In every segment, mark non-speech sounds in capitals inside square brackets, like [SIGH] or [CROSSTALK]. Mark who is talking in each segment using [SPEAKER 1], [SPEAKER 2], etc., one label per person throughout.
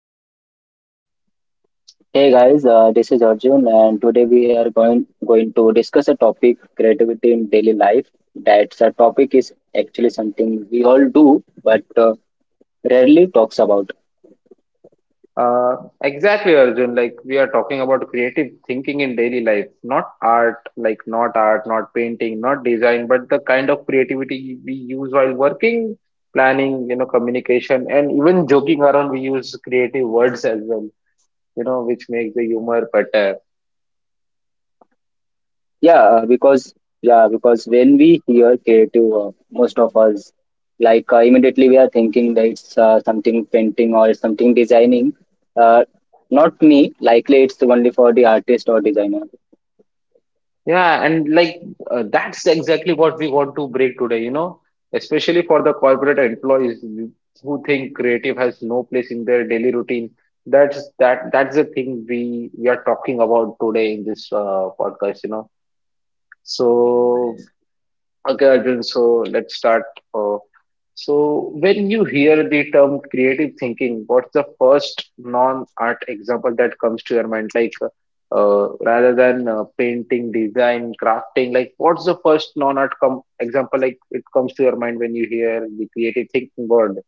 [SPEAKER 1] to you.
[SPEAKER 2] Hey guys, this is Arjun, and today we are going to discuss a topic: creativity in daily life. That's a topic is actually something we all do, but rarely talks about.
[SPEAKER 1] Exactly, Arjun. Like we are talking about creative thinking in daily life, not art, not painting, not design, but the kind of creativity we use while working, planning, communication, and even joking around. We use creative words as well, which makes the humor better.
[SPEAKER 2] Yeah, because when we hear creative, most of us like immediately we are thinking that it's something painting or something designing. Uh, not me. Likely, it's only for the artist or designer.
[SPEAKER 1] Yeah, and like that's exactly what we want to break today, especially for the corporate employees who think creative has no place in their daily routine. That's the thing we are talking about today in this podcast. So Okay, Arjun, so let's start. Uh, so, when you hear the term creative thinking, what's the first non-art example that comes to your mind? Like, rather than painting, design, crafting, like, what's the first non-art com example like it comes to your mind when you hear the creative thinking word?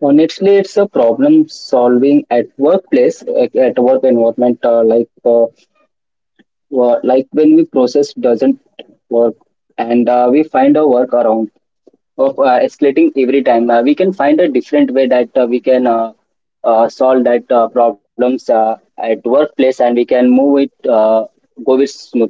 [SPEAKER 2] Honestly, it's a problem solving at workplace, at work environment. Like, when we process doesn't work, and we find a workaround of escalating every time. We can find a different way that we can solve that problems at workplace, and we can move it, go it smoothly.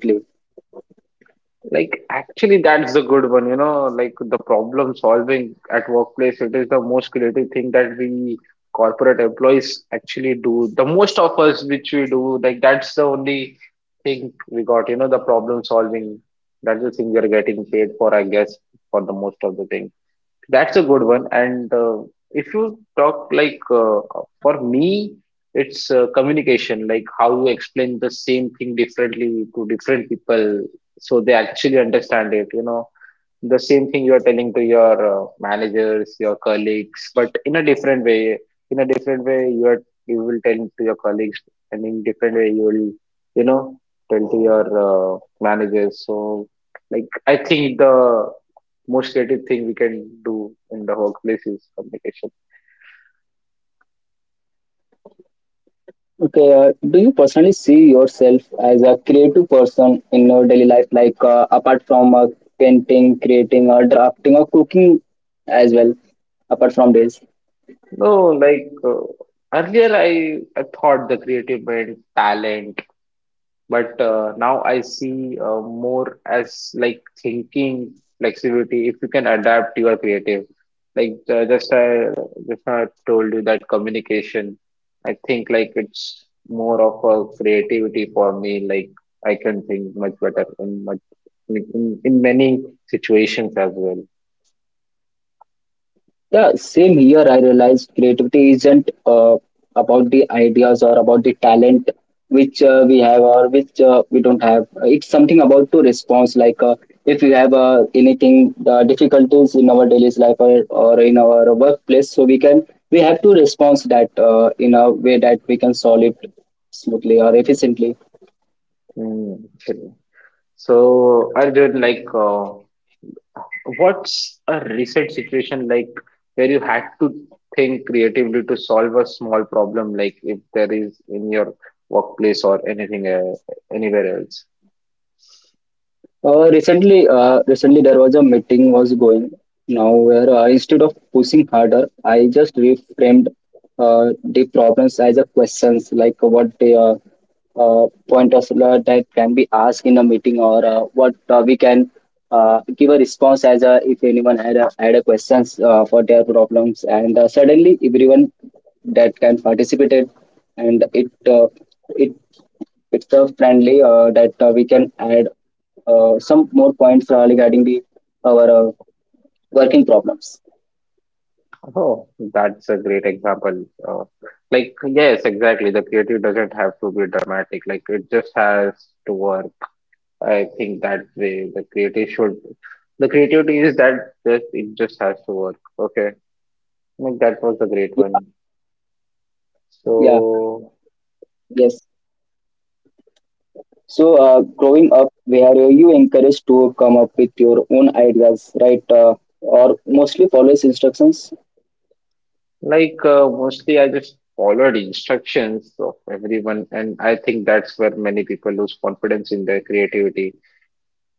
[SPEAKER 1] Like, actually, that's the good one, like the problem solving at workplace, it is the most creative thing that we corporate employees actually do. The most of us which we do, like, that's the only thing we got, the problem solving. That's the thing we are getting paid for, I guess, for the most of the thing. That's a good one. And if you talk like for me, it's communication, like how you explain the same thing differently to different people so they actually understand it, you know the same thing you are telling to your managers, your colleagues, but in a different way. In a different way you will tell to your colleagues, and in different way you will you know tell to your managers. So like I think the most creative thing we can do in the workplace is communication.
[SPEAKER 2] Okay, do you personally see yourself as a creative person in your daily life, like apart from painting, creating, or drafting, or cooking as well, apart from this?
[SPEAKER 1] No, like earlier I thought the creative meant talent. But now I see more as like thinking flexibility. If you can adapt, you are creative. Like just now I told you that communication. I think like it's more of a creativity for me. Like I can think much better in much in many situations as well.
[SPEAKER 2] Yeah, same here. I realized creativity isn't about the ideas or about the talent which we have or which we don't have. It's something about to response. Like if you have anything difficulties in our daily life, or in our workplace, so we have to respond that in a way that we can solve it smoothly or efficiently.
[SPEAKER 1] Hmm. So I did like What's a reset situation like where you had to think creatively to solve a small problem, like if there is in your workplace or anything anywhere else?
[SPEAKER 2] Recently, there was a meeting was going now where instead of pushing harder, I just reframed the problems as a questions, like what the pointers that can be asked in a meeting, or what we can give a response as a, if anyone had a, questions for their problems. And suddenly everyone that can participate it, and it it's friendly that we can add some more points regarding the our working problems.
[SPEAKER 1] Oh, that's a great example. Like, yes, exactly. The creative doesn't have to be dramatic. Like, it just has to work. I think that way the creative should. The creativity is that just it just has to work. Okay, like that was a great
[SPEAKER 2] Yeah,
[SPEAKER 1] one.
[SPEAKER 2] yeah,
[SPEAKER 1] So.
[SPEAKER 2] yes. So, growing up, where you encouraged to come up with your own ideas, right? Or mostly follows instructions.
[SPEAKER 1] Like, mostly I just followed instructions of everyone, and I think that's where many people lose confidence in their creativity.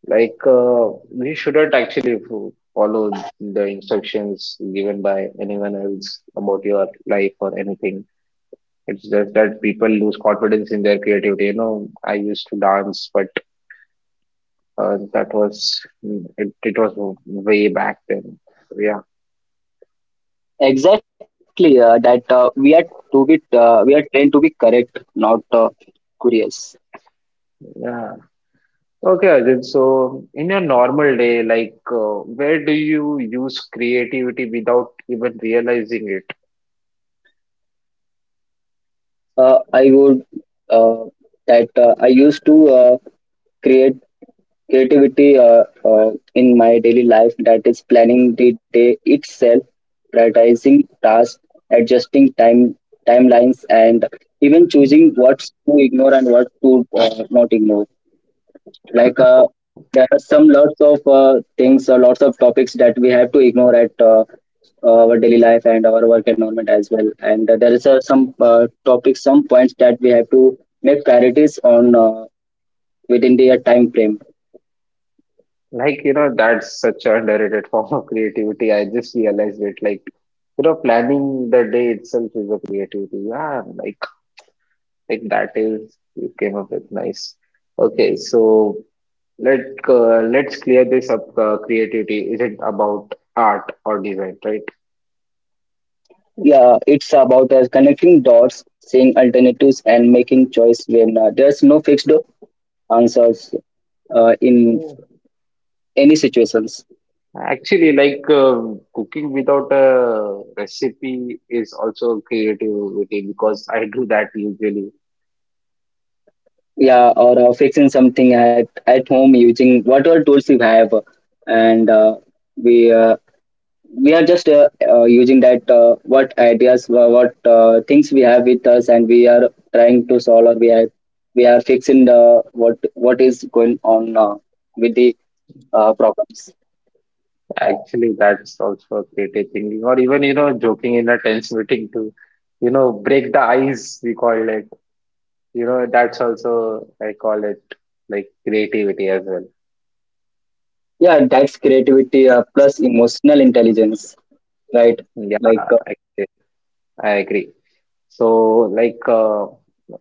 [SPEAKER 1] Like, we shouldn't actually follow the instructions given by anyone else about your life or anything. It's just that people lose confidence in their creativity. You know, I used to dance, but that was it, it was way back then. So, yeah.
[SPEAKER 2] Exactly. That we are to be We are trained to be correct, not curious.
[SPEAKER 1] Yeah, okay, Ajit. So, in your normal day, like, where do you use creativity without even realizing it?
[SPEAKER 2] I would uh, that I used to create creativity in my daily life, that is planning the day itself, prioritizing tasks, adjusting timelines, and even choosing
[SPEAKER 1] [LAUGHS]
[SPEAKER 2] what to ignore and what to not ignore. Like,
[SPEAKER 1] Oh,
[SPEAKER 2] there are some lots of things or lots of topics that we have to ignore at our daily life and our work environment as well. And there is some topics, some points that we have to make priorities on, within the time frame.
[SPEAKER 1] like, that's such an underrated [LAUGHS] form of creativity. I just realized it. Like, planning the day itself is a creativity. Yeah, like that is you came up with nice. Okay, so let let's clear this up. Creativity isn't about art or design,
[SPEAKER 2] Yeah, it's about us connecting dots, seeing alternatives, and making choice when there's no fixed answers in
[SPEAKER 1] right?
[SPEAKER 2] any situations.
[SPEAKER 1] Actually, like cooking without a recipe is also creativity because I do that usually.
[SPEAKER 2] Yeah, or fixing something at home using whatever tools we have, and we uh, we are just using that, what ideas, what things we have with us, and we are trying to solve, or we are fixing the what is going on with the problems.
[SPEAKER 1] Actually, that's also a creative thinking, or even joking in a tense meeting to break the ice, we call it. That's also I call it like creativity as well.
[SPEAKER 2] Yeah, that's creativity, plus emotional intelligence, right? Like,
[SPEAKER 1] Yeah, actually, I agree. So, like,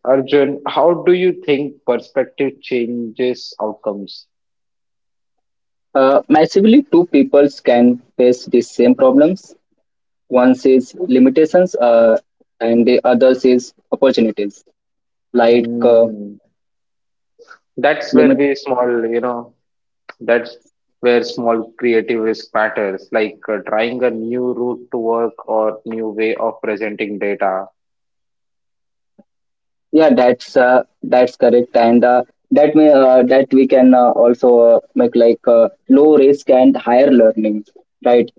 [SPEAKER 1] Arjun, how do you think perspective changes outcomes?
[SPEAKER 2] massively, two peoples can face the same problems. One says limitations, and the other says opportunities, like, uh,
[SPEAKER 1] Hmm. that's where
[SPEAKER 2] limit
[SPEAKER 1] we small you know that's where small creative risk matters, like trying a new route to work or new way of presenting data.
[SPEAKER 2] yeah, that's that's correct. And that may, that we can also make like, low risk and higher learning, right?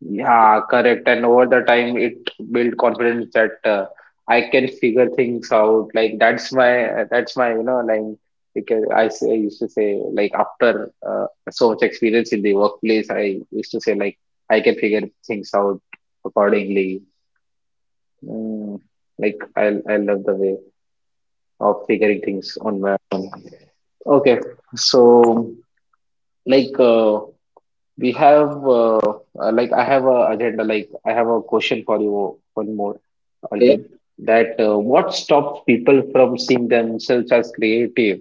[SPEAKER 1] Yeah, correct. And over the time it build confidence that I can figure things out, like that's my like, because I used to say like, after so much experience in the workplace, I used to say like I can figure things out accordingly. mm, like I love the way of figuring things on my own. Okay, so like we have like I have a agenda. Like I have a question for you, one more, Arjun.
[SPEAKER 2] Okay.
[SPEAKER 1] That What stops people from seeing themselves as creative?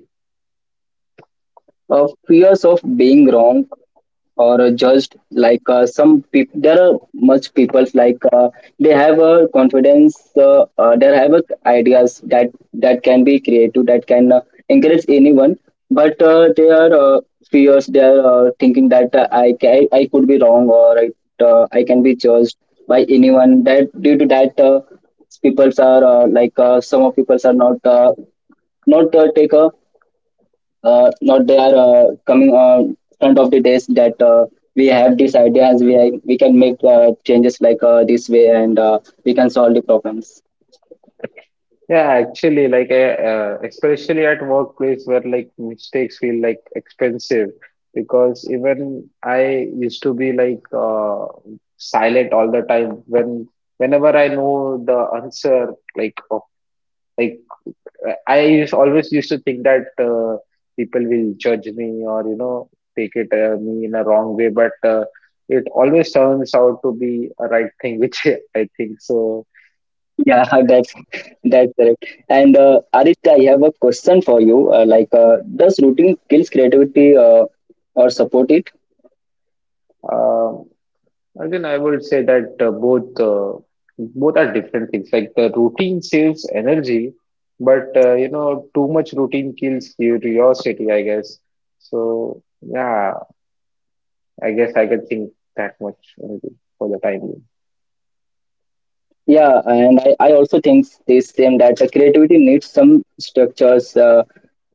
[SPEAKER 2] Fears of being wrong or judged. Like, some people, there are much people, like, they have a confidence, they have a ideas that can be creative, that can encourage anyone. But they are fears, they are thinking that, I could be wrong, or I can be judged by anyone. That, due to that, peoples are like, some of peoples are not not take a not they are coming front of the days, that we have these ideas, we can make changes like, this way, and we can solve the problems.
[SPEAKER 1] Yeah, actually, like especially at workplace where like mistakes feel like expensive, because even I used to be like silent all the time whenever I know the answer, like, I always used to think that people will judge me, or take it me in a wrong way, but it always turns out to be a right thing, [LAUGHS] which I think so.
[SPEAKER 2] Yeah, [LAUGHS] that's correct. And, Aditya, I have a question for you. Like, does routine kills creativity, or support it?
[SPEAKER 1] Um, Again, I would say that both are different things. Like the routine saves energy, but you know too much routine kills curiosity, I guess. So yeah, I guess I can think that much only for the time being.
[SPEAKER 2] Yeah, and I also think the same, that the creativity needs some structures, uh,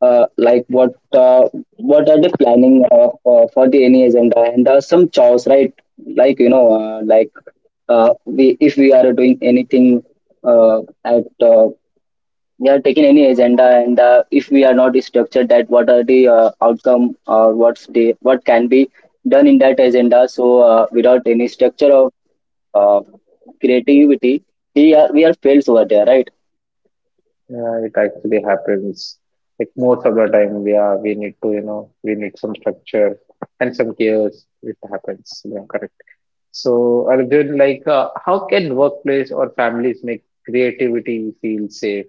[SPEAKER 2] uh, like, what are the planning, for the any agenda and some chores, right? Like we if we are doing anything at we are taking any agenda. And if we are not structured that what are the outcome or what can be done in that agenda. So without any structure of uh, creativity, we are fails over there, right?
[SPEAKER 1] Yeah, it actually happens. Like most of the time, we are we need to, you know, we need some structure and some chaos. It happens. Yeah, correct. So, Arjun, like, how can workplace or families make creativity feel safe?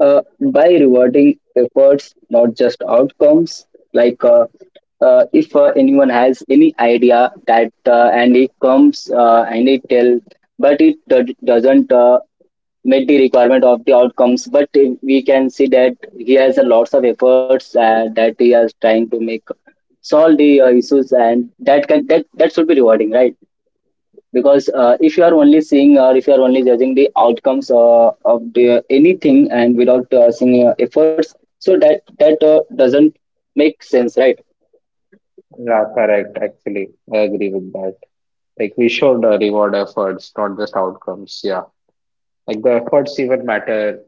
[SPEAKER 2] Uh, by rewarding efforts, not just outcomes. Like, if anyone has any idea that and it comes and it tell, but it doesn't meet the requirement of the outcomes. But if we can see that he has a lots of efforts, that he is trying to make solve the issues, and that can that that should be rewarding, right? Because if you are only seeing or if you are only judging the outcomes of anything, and without seeing efforts, so that doesn't make sense, right?
[SPEAKER 1] Yeah, correct. Actually, I agree with that. Like, we should reward efforts, not just outcomes. Yeah, like the efforts even matter.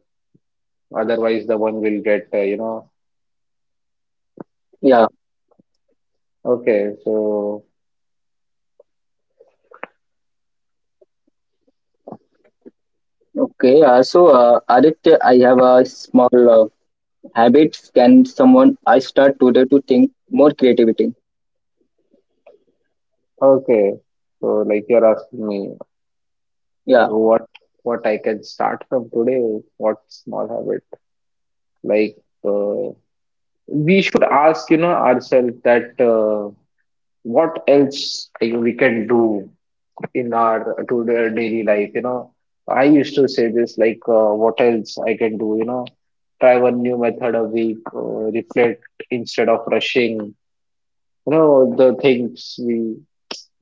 [SPEAKER 1] Otherwise, the one will get.
[SPEAKER 2] Yeah.
[SPEAKER 1] Okay, so
[SPEAKER 2] Okay, so, Aditya, I have a small, habits can someone I start today to think more creativity?
[SPEAKER 1] okay, so like you're asking me.
[SPEAKER 2] Yeah.
[SPEAKER 1] what what I can start from today, what small habit? Like uh, we should ask, ourselves that what else we can do in our to the daily life. You know, I used to say this like, what else I can do? You know, try one new method a week, reflect instead of rushing. You know, the things we.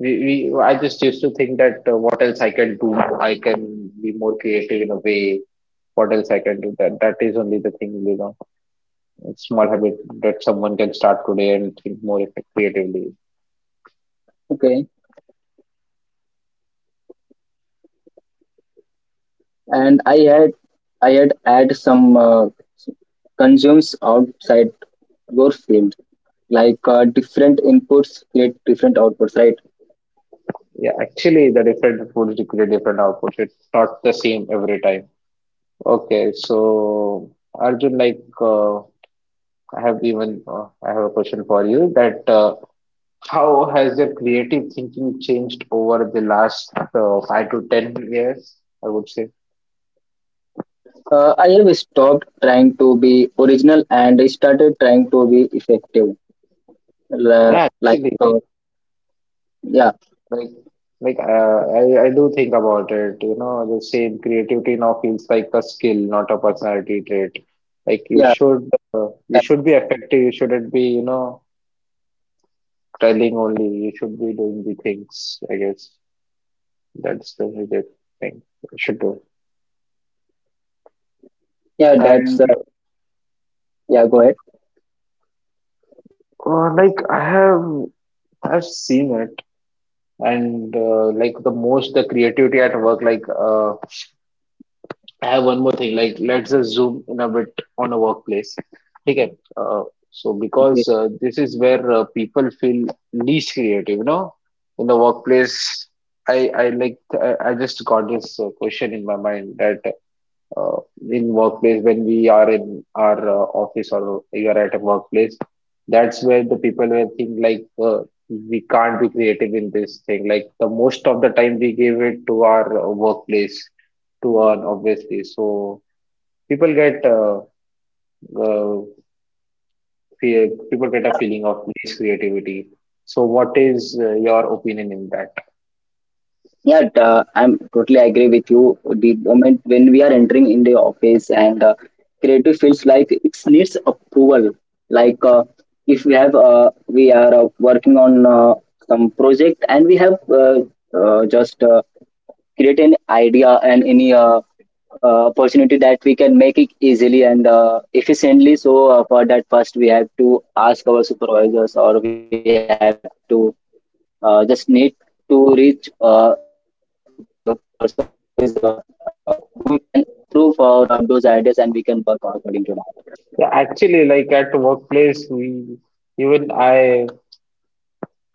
[SPEAKER 1] I just used to think that what else I can do, I can be more creative in a way, what else I can do? That is only the thing, you know, small habit that someone can start today and think more creatively.
[SPEAKER 2] Okay, and I had add some, consumes outside your field. Like, different inputs create different outputs, right?
[SPEAKER 1] Yeah, actually, the different foods create different outputs. It's not the same every time. Okay, so Arjun, like, I have a question for you that how has your creative thinking changed over the last 5 to 10 years? I would say.
[SPEAKER 2] I have stopped trying to be original and I started trying to be effective.
[SPEAKER 1] Yeah,
[SPEAKER 2] Like,
[SPEAKER 1] actually.
[SPEAKER 2] yeah,
[SPEAKER 1] Like, like, I do think about it. You know, the same creativity now feels like a skill, not a personality trait. Like you
[SPEAKER 2] yeah,
[SPEAKER 1] should, uh, you
[SPEAKER 2] that,
[SPEAKER 1] should be effective. You shouldn't be telling only. You should be doing the things. I guess that's the major thing you should do.
[SPEAKER 2] yeah,
[SPEAKER 1] And
[SPEAKER 2] yeah, go ahead.
[SPEAKER 1] like I've seen it. And like the creativity at work, like I have one more thing. Like, let's just zoom in a bit on a workplace. Okay. So, because this is where people feel least creative, in the workplace. I like I just got this question in my mind that uh, in workplace, when we are in our office, or you are at a workplace, that's where the people will think like we can't be creative in this thing, like the most of the time we give it to our workplace to earn, obviously. So people get uh, a feeling of less creativity. So what is your opinion in that?
[SPEAKER 2] Yeah, I'm totally agree with you. The moment when we are entering in the office, and creative feels like it needs approval. Like, if we are working on some project, and we have just create an idea and any opportunity that we can make it easily and efficiently. So for that, first we have to ask our supervisors, or we have to just need to reach the person who is who can approve for those ideas, and we can work according to that.
[SPEAKER 1] Yeah, actually, like at the workplace, we even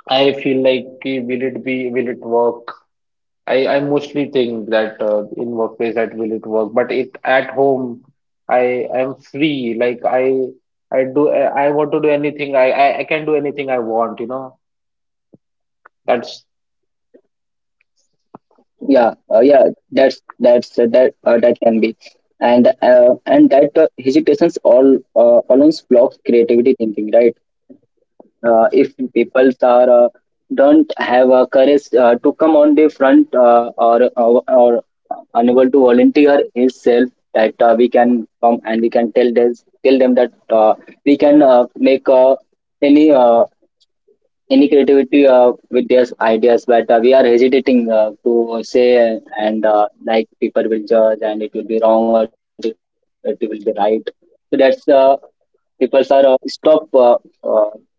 [SPEAKER 1] I feel like, okay, will it work? I mostly think that in workplace that, will it work, but it at home I'm free. Like I want to do anything. I can do anything I want. You know, that's
[SPEAKER 2] Yeah. Yeah, that's that can be. And and that, hesitations all, alone blocks creativity thinking, right? If people are don't have courage to come on the front, or unable to volunteer himself, that we can come and we can tell them that we can make any uh, any creativity with their ideas. But we are hesitating to say, and like people will judge, and it will be wrong, or it will be right. So that's people are stop, uh,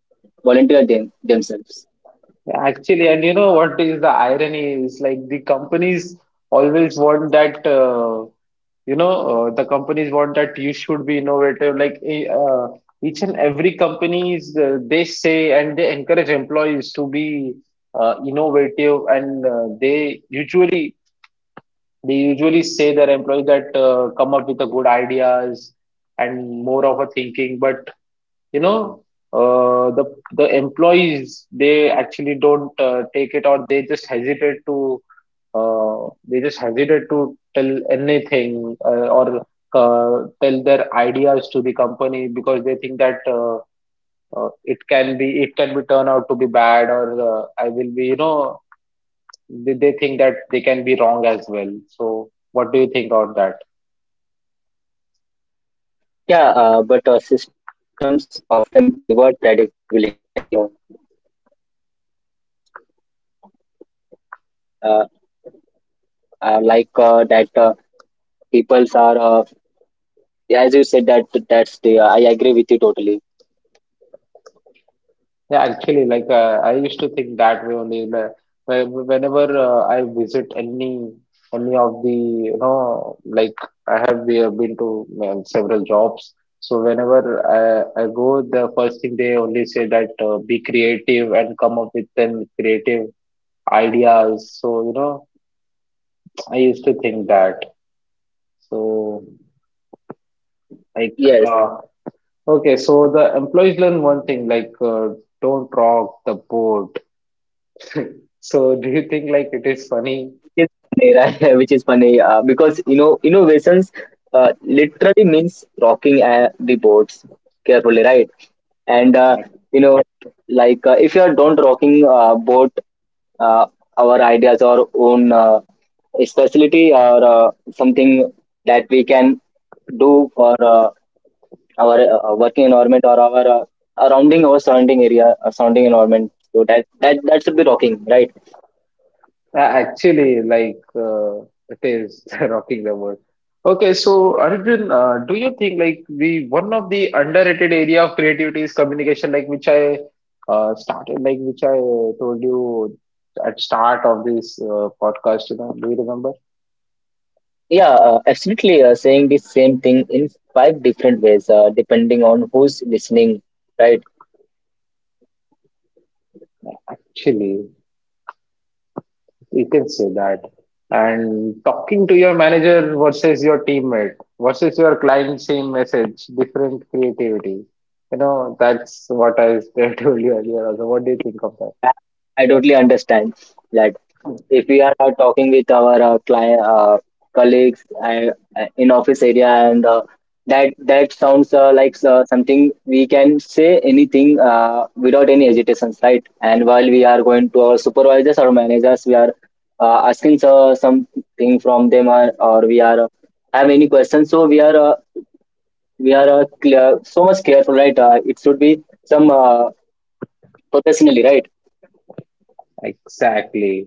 [SPEAKER 2] volunteer themselves.
[SPEAKER 1] actually, and you know what is the irony is, like, the companies always want that. You know the companies want that you should be innovative like each and every companies they say and they encourage employees to be innovative and they usually say their employees that come up with the good ideas and more of a thinking but you know uh, the the employees they actually don't take it or they just hesitate to uh, they just hesitate to tell anything or tell their ideas to the company because they think that it can be turned out to be bad or I will be they think that they can be wrong as well. So what do you think about that?
[SPEAKER 2] Yeah. But systems often reward predictability, right? You know, uh, like, that people's are, yeah, as you said, I agree with you totally.
[SPEAKER 1] Yeah, actually, like I used to think that way only. Like, whenever I visit any of the you know, like I have been to several jobs. So whenever I go, the first thing they only say that be creative and come up with then creative ideas. So you know, I used to think that. So like
[SPEAKER 2] Yes,
[SPEAKER 1] uh, okay, so the employees learn one thing like don't rock the boat. So do you think like it is funny?
[SPEAKER 2] it's funny, [LAUGHS] right? Which is funny, because, innovations literally means rocking the boards carefully, right? And,
[SPEAKER 1] Ac-
[SPEAKER 2] you know, like, if you are don't rocking boat, uh, our ideas, our own specialty, or something that we can do for our working environment or our surrounding area, surrounding environment, so that should be rocking, right?
[SPEAKER 1] Actually, like it is [LAUGHS] rocking the world. Okay, so Arjun, do you think like the one of the underrated area of creativity is communication, like which I started, like which I told you at start of this podcast, you know, do you remember?
[SPEAKER 2] Yeah, absolutely, saying the same thing in five different ways, depending on who's listening, right?
[SPEAKER 1] Actually. You can say that. And talking to your manager versus your teammate versus your client, same message, different creativity. You know, that's what I [LAUGHS] told you earlier also. What do you think of that?
[SPEAKER 2] I, I totally understand that. If we are talking with our client, colleagues, in office area, and that sounds like something we can say anything without any hesitations, right? And while we are going to our supervisors or managers, we are asking something from them, or we are have any questions, so we are so much careful, right? It should be some, professionally, right?
[SPEAKER 1] Exactly.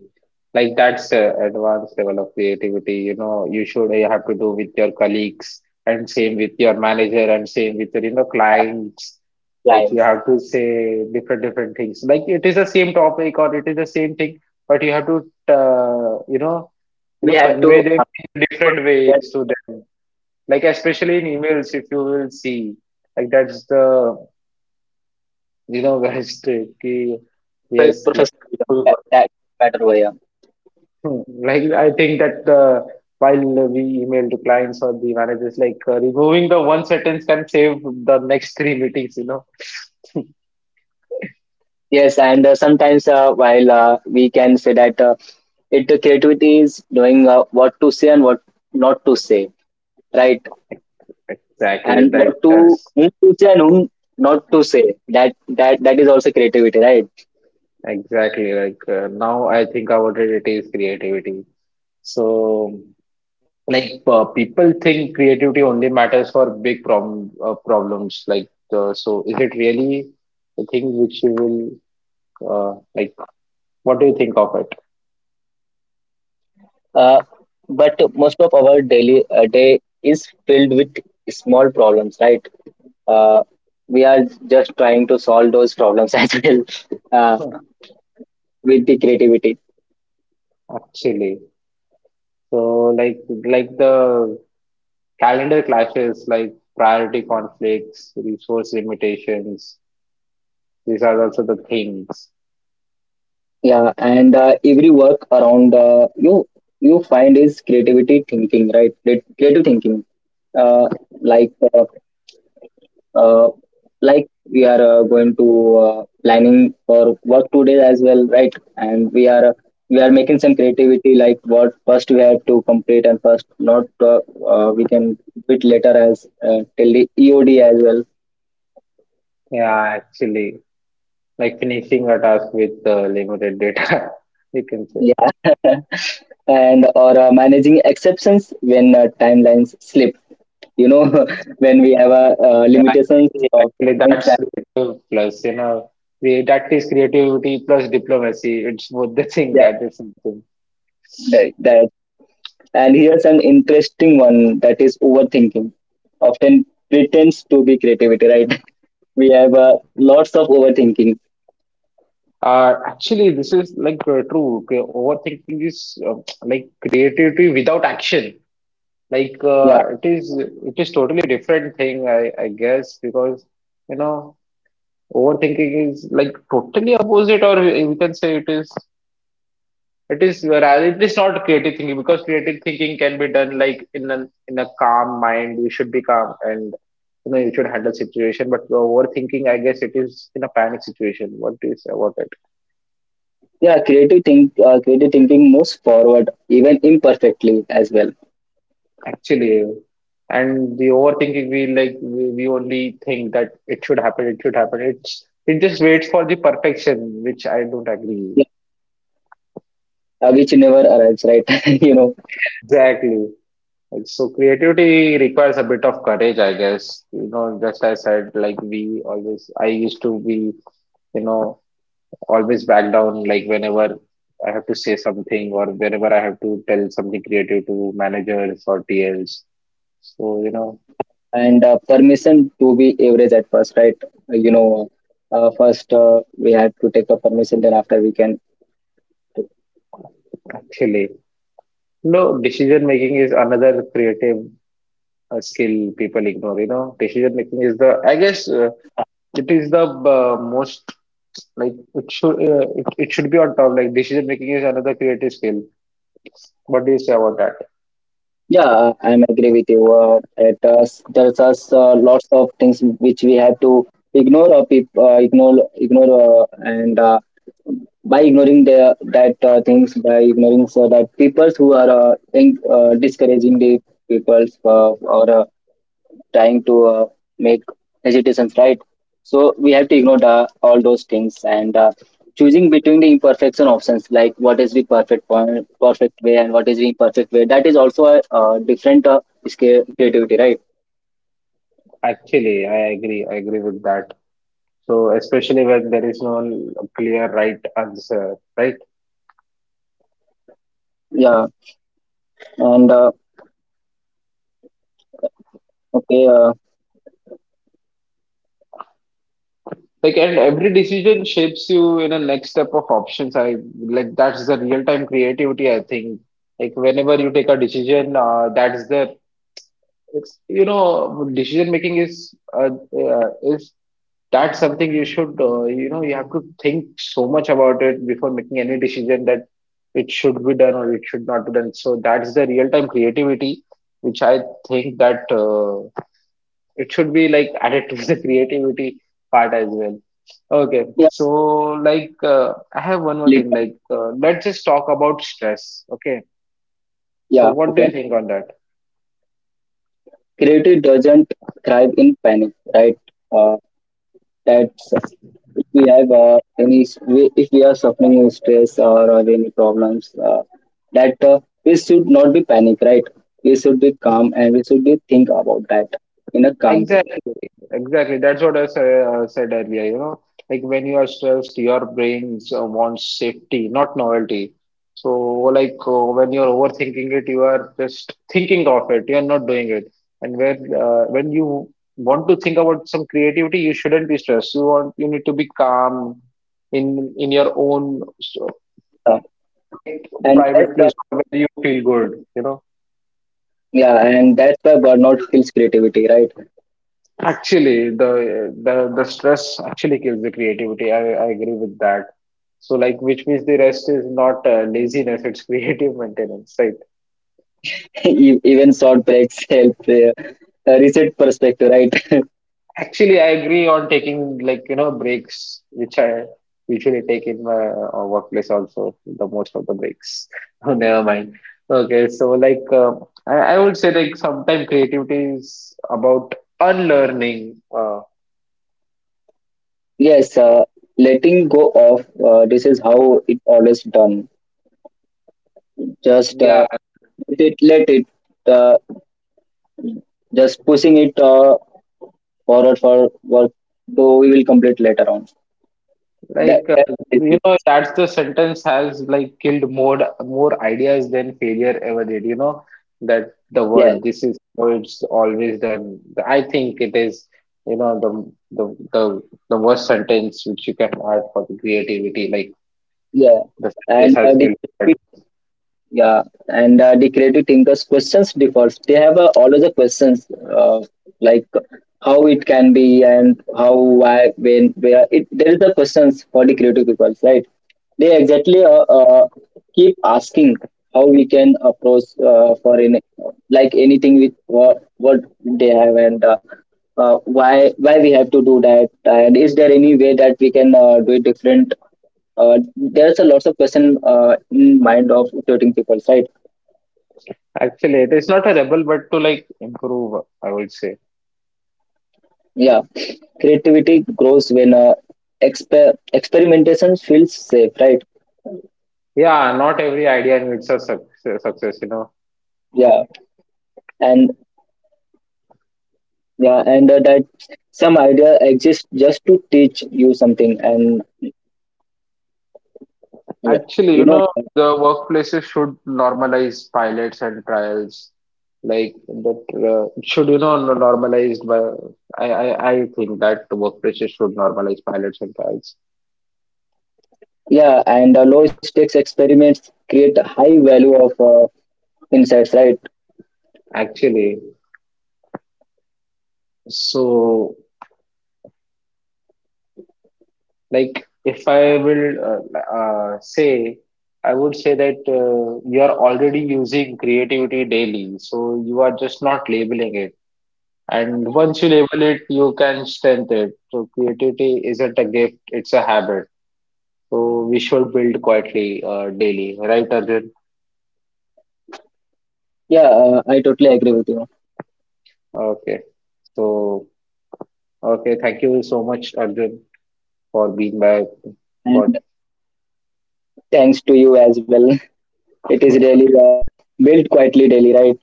[SPEAKER 1] Like that's a advanced level of creativity, you know, you have to do with your colleagues and same with your manager and same with your, you know, clients. Like you
[SPEAKER 2] Clients,
[SPEAKER 1] have to say different different things. Like it is the same topic or it is the same thing, but you have to uh, you know,
[SPEAKER 2] we have to,
[SPEAKER 1] convey them in different ways to them. Like especially in emails, if you will see, like that's the you know, [LAUGHS] very tricky. Yes, like
[SPEAKER 2] Professionalism, that,
[SPEAKER 1] remove.
[SPEAKER 2] that better way, yeah.
[SPEAKER 1] Hmm. Like I think that the while we email to clients or the managers, like removing the one sentence can save the next [LAUGHS] three meetings, you know. [LAUGHS]
[SPEAKER 2] Yes, and sometimes while we can say that it the creativity is knowing what to say and what not to say, right?
[SPEAKER 1] Exactly,
[SPEAKER 2] And
[SPEAKER 1] that
[SPEAKER 2] what to
[SPEAKER 1] that's
[SPEAKER 2] whom to say and whom not to say, that that is also creativity, right?
[SPEAKER 1] exactly like now I think about it, it is creativity. So like people think creativity only matters for big problems. Like so, is it really a thing which you will like? What do you think of it?
[SPEAKER 2] uh, but most of our daily day is filled with small problems, right? uh, we are just trying to solve those problems [LAUGHS] as well, uh,
[SPEAKER 1] Hmm.
[SPEAKER 2] with the creativity.
[SPEAKER 1] Actually. So like like the calendar clashes, like priority conflicts, resource limitations, these are also the things.
[SPEAKER 2] Yeah, and every work around, you find is creativity thinking, right? Creative thinking, uh, like uh, uh, like we are going to planning for work today as well, right? And we are making some creativity, like what first we have to complete and first not, we can bit later as till the EOD as well.
[SPEAKER 1] Yeah, actually, like finishing a task with limited data, [LAUGHS] you can say.
[SPEAKER 2] Yeah, [LAUGHS] and or managing exceptions when timelines slip, you know, [LAUGHS] when we have a
[SPEAKER 1] Yeah,
[SPEAKER 2] limitations
[SPEAKER 1] actually,
[SPEAKER 2] of
[SPEAKER 1] actually,
[SPEAKER 2] things
[SPEAKER 1] that's
[SPEAKER 2] that.
[SPEAKER 1] creative plus, you know, that is creativity plus diplomacy. It's both the
[SPEAKER 2] Yeah,
[SPEAKER 1] thing at the same time.
[SPEAKER 2] that, that. And here's an interesting one, that is overthinking often pretends to be creativity, right? [LAUGHS] We have lots of overthinking.
[SPEAKER 1] Actually, this is like true. Okay, overthinking is [TSK] like creativity without action. Like
[SPEAKER 2] Yeah.
[SPEAKER 1] it is totally different thing, I guess, because you know overthinking is like totally opposite, or you can say it is rather it is not creative thinking because creative thinking can be done like in an in a calm mind. You should be calm and you know you should handle situation. But the overthinking, I guess, it is in a panic situation. What do you say about it?
[SPEAKER 2] Yeah, creative thinking moves forward even imperfectly as well.
[SPEAKER 1] Actually, and the overthinking, we only think that it should happen, it should happen. It's it just waits for the perfection, which I don't agree.
[SPEAKER 2] Yeah, which never arrives, right? [LAUGHS] You know,
[SPEAKER 1] [LAUGHS] Exactly. Like, so creativity requires a bit of courage, I guess. You know, just as I said, like we always, I used to be, you know, always back down. Like whenever I have to say something or whenever I have to tell something creative to managers or TLs. So, you know,
[SPEAKER 2] and permission to be average at first, right? You know, first, we have to take a permission, then after we can.
[SPEAKER 1] actually. No, decision making is another creative skill people ignore. You know, decision making is the, I guess, it is the most like it should be on top. Like decision making is another creative skill. What do you say about that?
[SPEAKER 2] Yeah, I'm agree with you. It does, there's us lots of things which we have to ignore or peop ignore and by ignoring the that things, by ignoring, so that peoples who are in, discouraging the peoples, or trying to make hesitations, right? So we have to ignore the, all those things, and choosing between the imperfection options, like what is the perfect point perfect way and what is the imperfect way, that is also a different is creativity, right?
[SPEAKER 1] Actually, I agree. I agree with that. So especially when there is no clear right answer, right?
[SPEAKER 2] Yeah, and okay uh,
[SPEAKER 1] Like, and every decision shapes you in a next step of options. I like that's the real time creativity, I think. Like, whenever you take a decision, that's the it's you know, decision making is that's something you should you know, you have to think so much about it before making any decision that it should be done or it should not be done. So, that's the real time creativity, which I think that. It should be like [LAUGHS] added to the creativity part as well. Okay,
[SPEAKER 2] yeah.
[SPEAKER 1] so like I have one more
[SPEAKER 2] lit-
[SPEAKER 1] thing. Like let's just talk about stress. Okay, so
[SPEAKER 2] yeah,
[SPEAKER 1] what do
[SPEAKER 2] okay.
[SPEAKER 1] you think on that?
[SPEAKER 2] Creativity doesn't thrive in panic, right? uh, that's, if we have any, if we are suffering with stress or have any problems, that we should not be panic, right? We should be calm and we should be think about that in a calm way.
[SPEAKER 1] Exactly, exactly. That's what I said earlier. You know, like when you are stressed, your brain wants safety, not novelty. So, like when you're overthinking it, you are just thinking of it. You are not doing it. And when you want to think about some creativity, you shouldn't be stressed. You need to be calm in your own so,
[SPEAKER 2] Uh,
[SPEAKER 1] like
[SPEAKER 2] and that's
[SPEAKER 1] private
[SPEAKER 2] why,
[SPEAKER 1] place or where you feel good. You know.
[SPEAKER 2] yeah, and that's why burnout kills creativity, right?
[SPEAKER 1] Actually, the stress actually kills the creativity. I agree with that. So like, which means the rest is not laziness; it's creative maintenance, right?
[SPEAKER 2] [LAUGHS] Even short breaks [LAUGHS] help reset perspective, right? [LAUGHS]
[SPEAKER 1] Actually, I agree on taking like you know breaks, which I usually take in my workplace also. The most of the breaks. [LAUGHS] Oh, never mind. Okay, so like, I would say like sometimes creativity is about unlearning.
[SPEAKER 2] Yes, letting go of, this is how it always done, just
[SPEAKER 1] Yeah,
[SPEAKER 2] it, let it, uh, just pushing it forward for work, though we will complete later on. That,
[SPEAKER 1] like,
[SPEAKER 2] that is
[SPEAKER 1] you
[SPEAKER 2] it.
[SPEAKER 1] know, that's the sentence has like killed more ideas than failure ever did. You know, that the
[SPEAKER 2] Yeah,
[SPEAKER 1] word, this is how it's always done. I think it is, you know, the worst sentence which you can add for the creativity. Like,
[SPEAKER 2] yeah.
[SPEAKER 1] the sentence
[SPEAKER 2] And
[SPEAKER 1] has killed more
[SPEAKER 2] digital.
[SPEAKER 1] ideas.
[SPEAKER 2] Yeah, and the creative thinkers' questions differs. They have always a questions, uh, like how it can be, and how, why, when, where. It there is a questions for the creative people, right? They exactly keep asking how we can approach for any, like anything with what they have, and why we have to do that, and is there any way that we can do it different? There's a lots of question in mind of creating people, right?
[SPEAKER 1] Actually, it is not a rebel, but to like improve, I would say.
[SPEAKER 2] Yeah, creativity grows when, experimentation feels safe, right?
[SPEAKER 1] Yeah, not every idea needs a success, you know.
[SPEAKER 2] Yeah. And yeah, and that, some idea exists just to teach you something, and yeah, you
[SPEAKER 1] Actually, you
[SPEAKER 2] know.
[SPEAKER 1] know, the workplaces should normalize pilots and trials. Like that it should, you know, normalized by I think that the workplaces should normalize pilots and trials.
[SPEAKER 2] Yeah, and low stakes experiments create high value of insights, right?
[SPEAKER 1] Actually, so like if I will say, I would say that you are already using creativity daily, so you are just not labeling it. And once you label it, you can strengthen it. So creativity isn't a gift, it's a habit. So we should build quietly daily, right, Arjun?
[SPEAKER 2] Yeah, I totally agree with you.
[SPEAKER 1] Okay. So, okay, thank you so much, Arjun, for being back. For
[SPEAKER 2] And thanks to you as well. [LAUGHS] It
[SPEAKER 1] [LAUGHS]
[SPEAKER 2] is really
[SPEAKER 1] okay,
[SPEAKER 2] built quietly daily, right?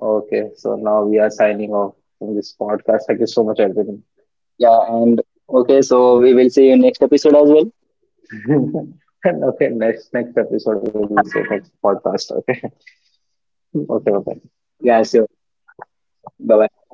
[SPEAKER 1] okay. So now we are signing off from this podcast. Thank you so much, Arjun.
[SPEAKER 2] Yeah, and okay, so we will see you next episode as well.
[SPEAKER 1] [LAUGHS] And okay, next episode we'll say next podcast. Okay, [LAUGHS] okay, bye.
[SPEAKER 2] Yeah, sure. Bye bye.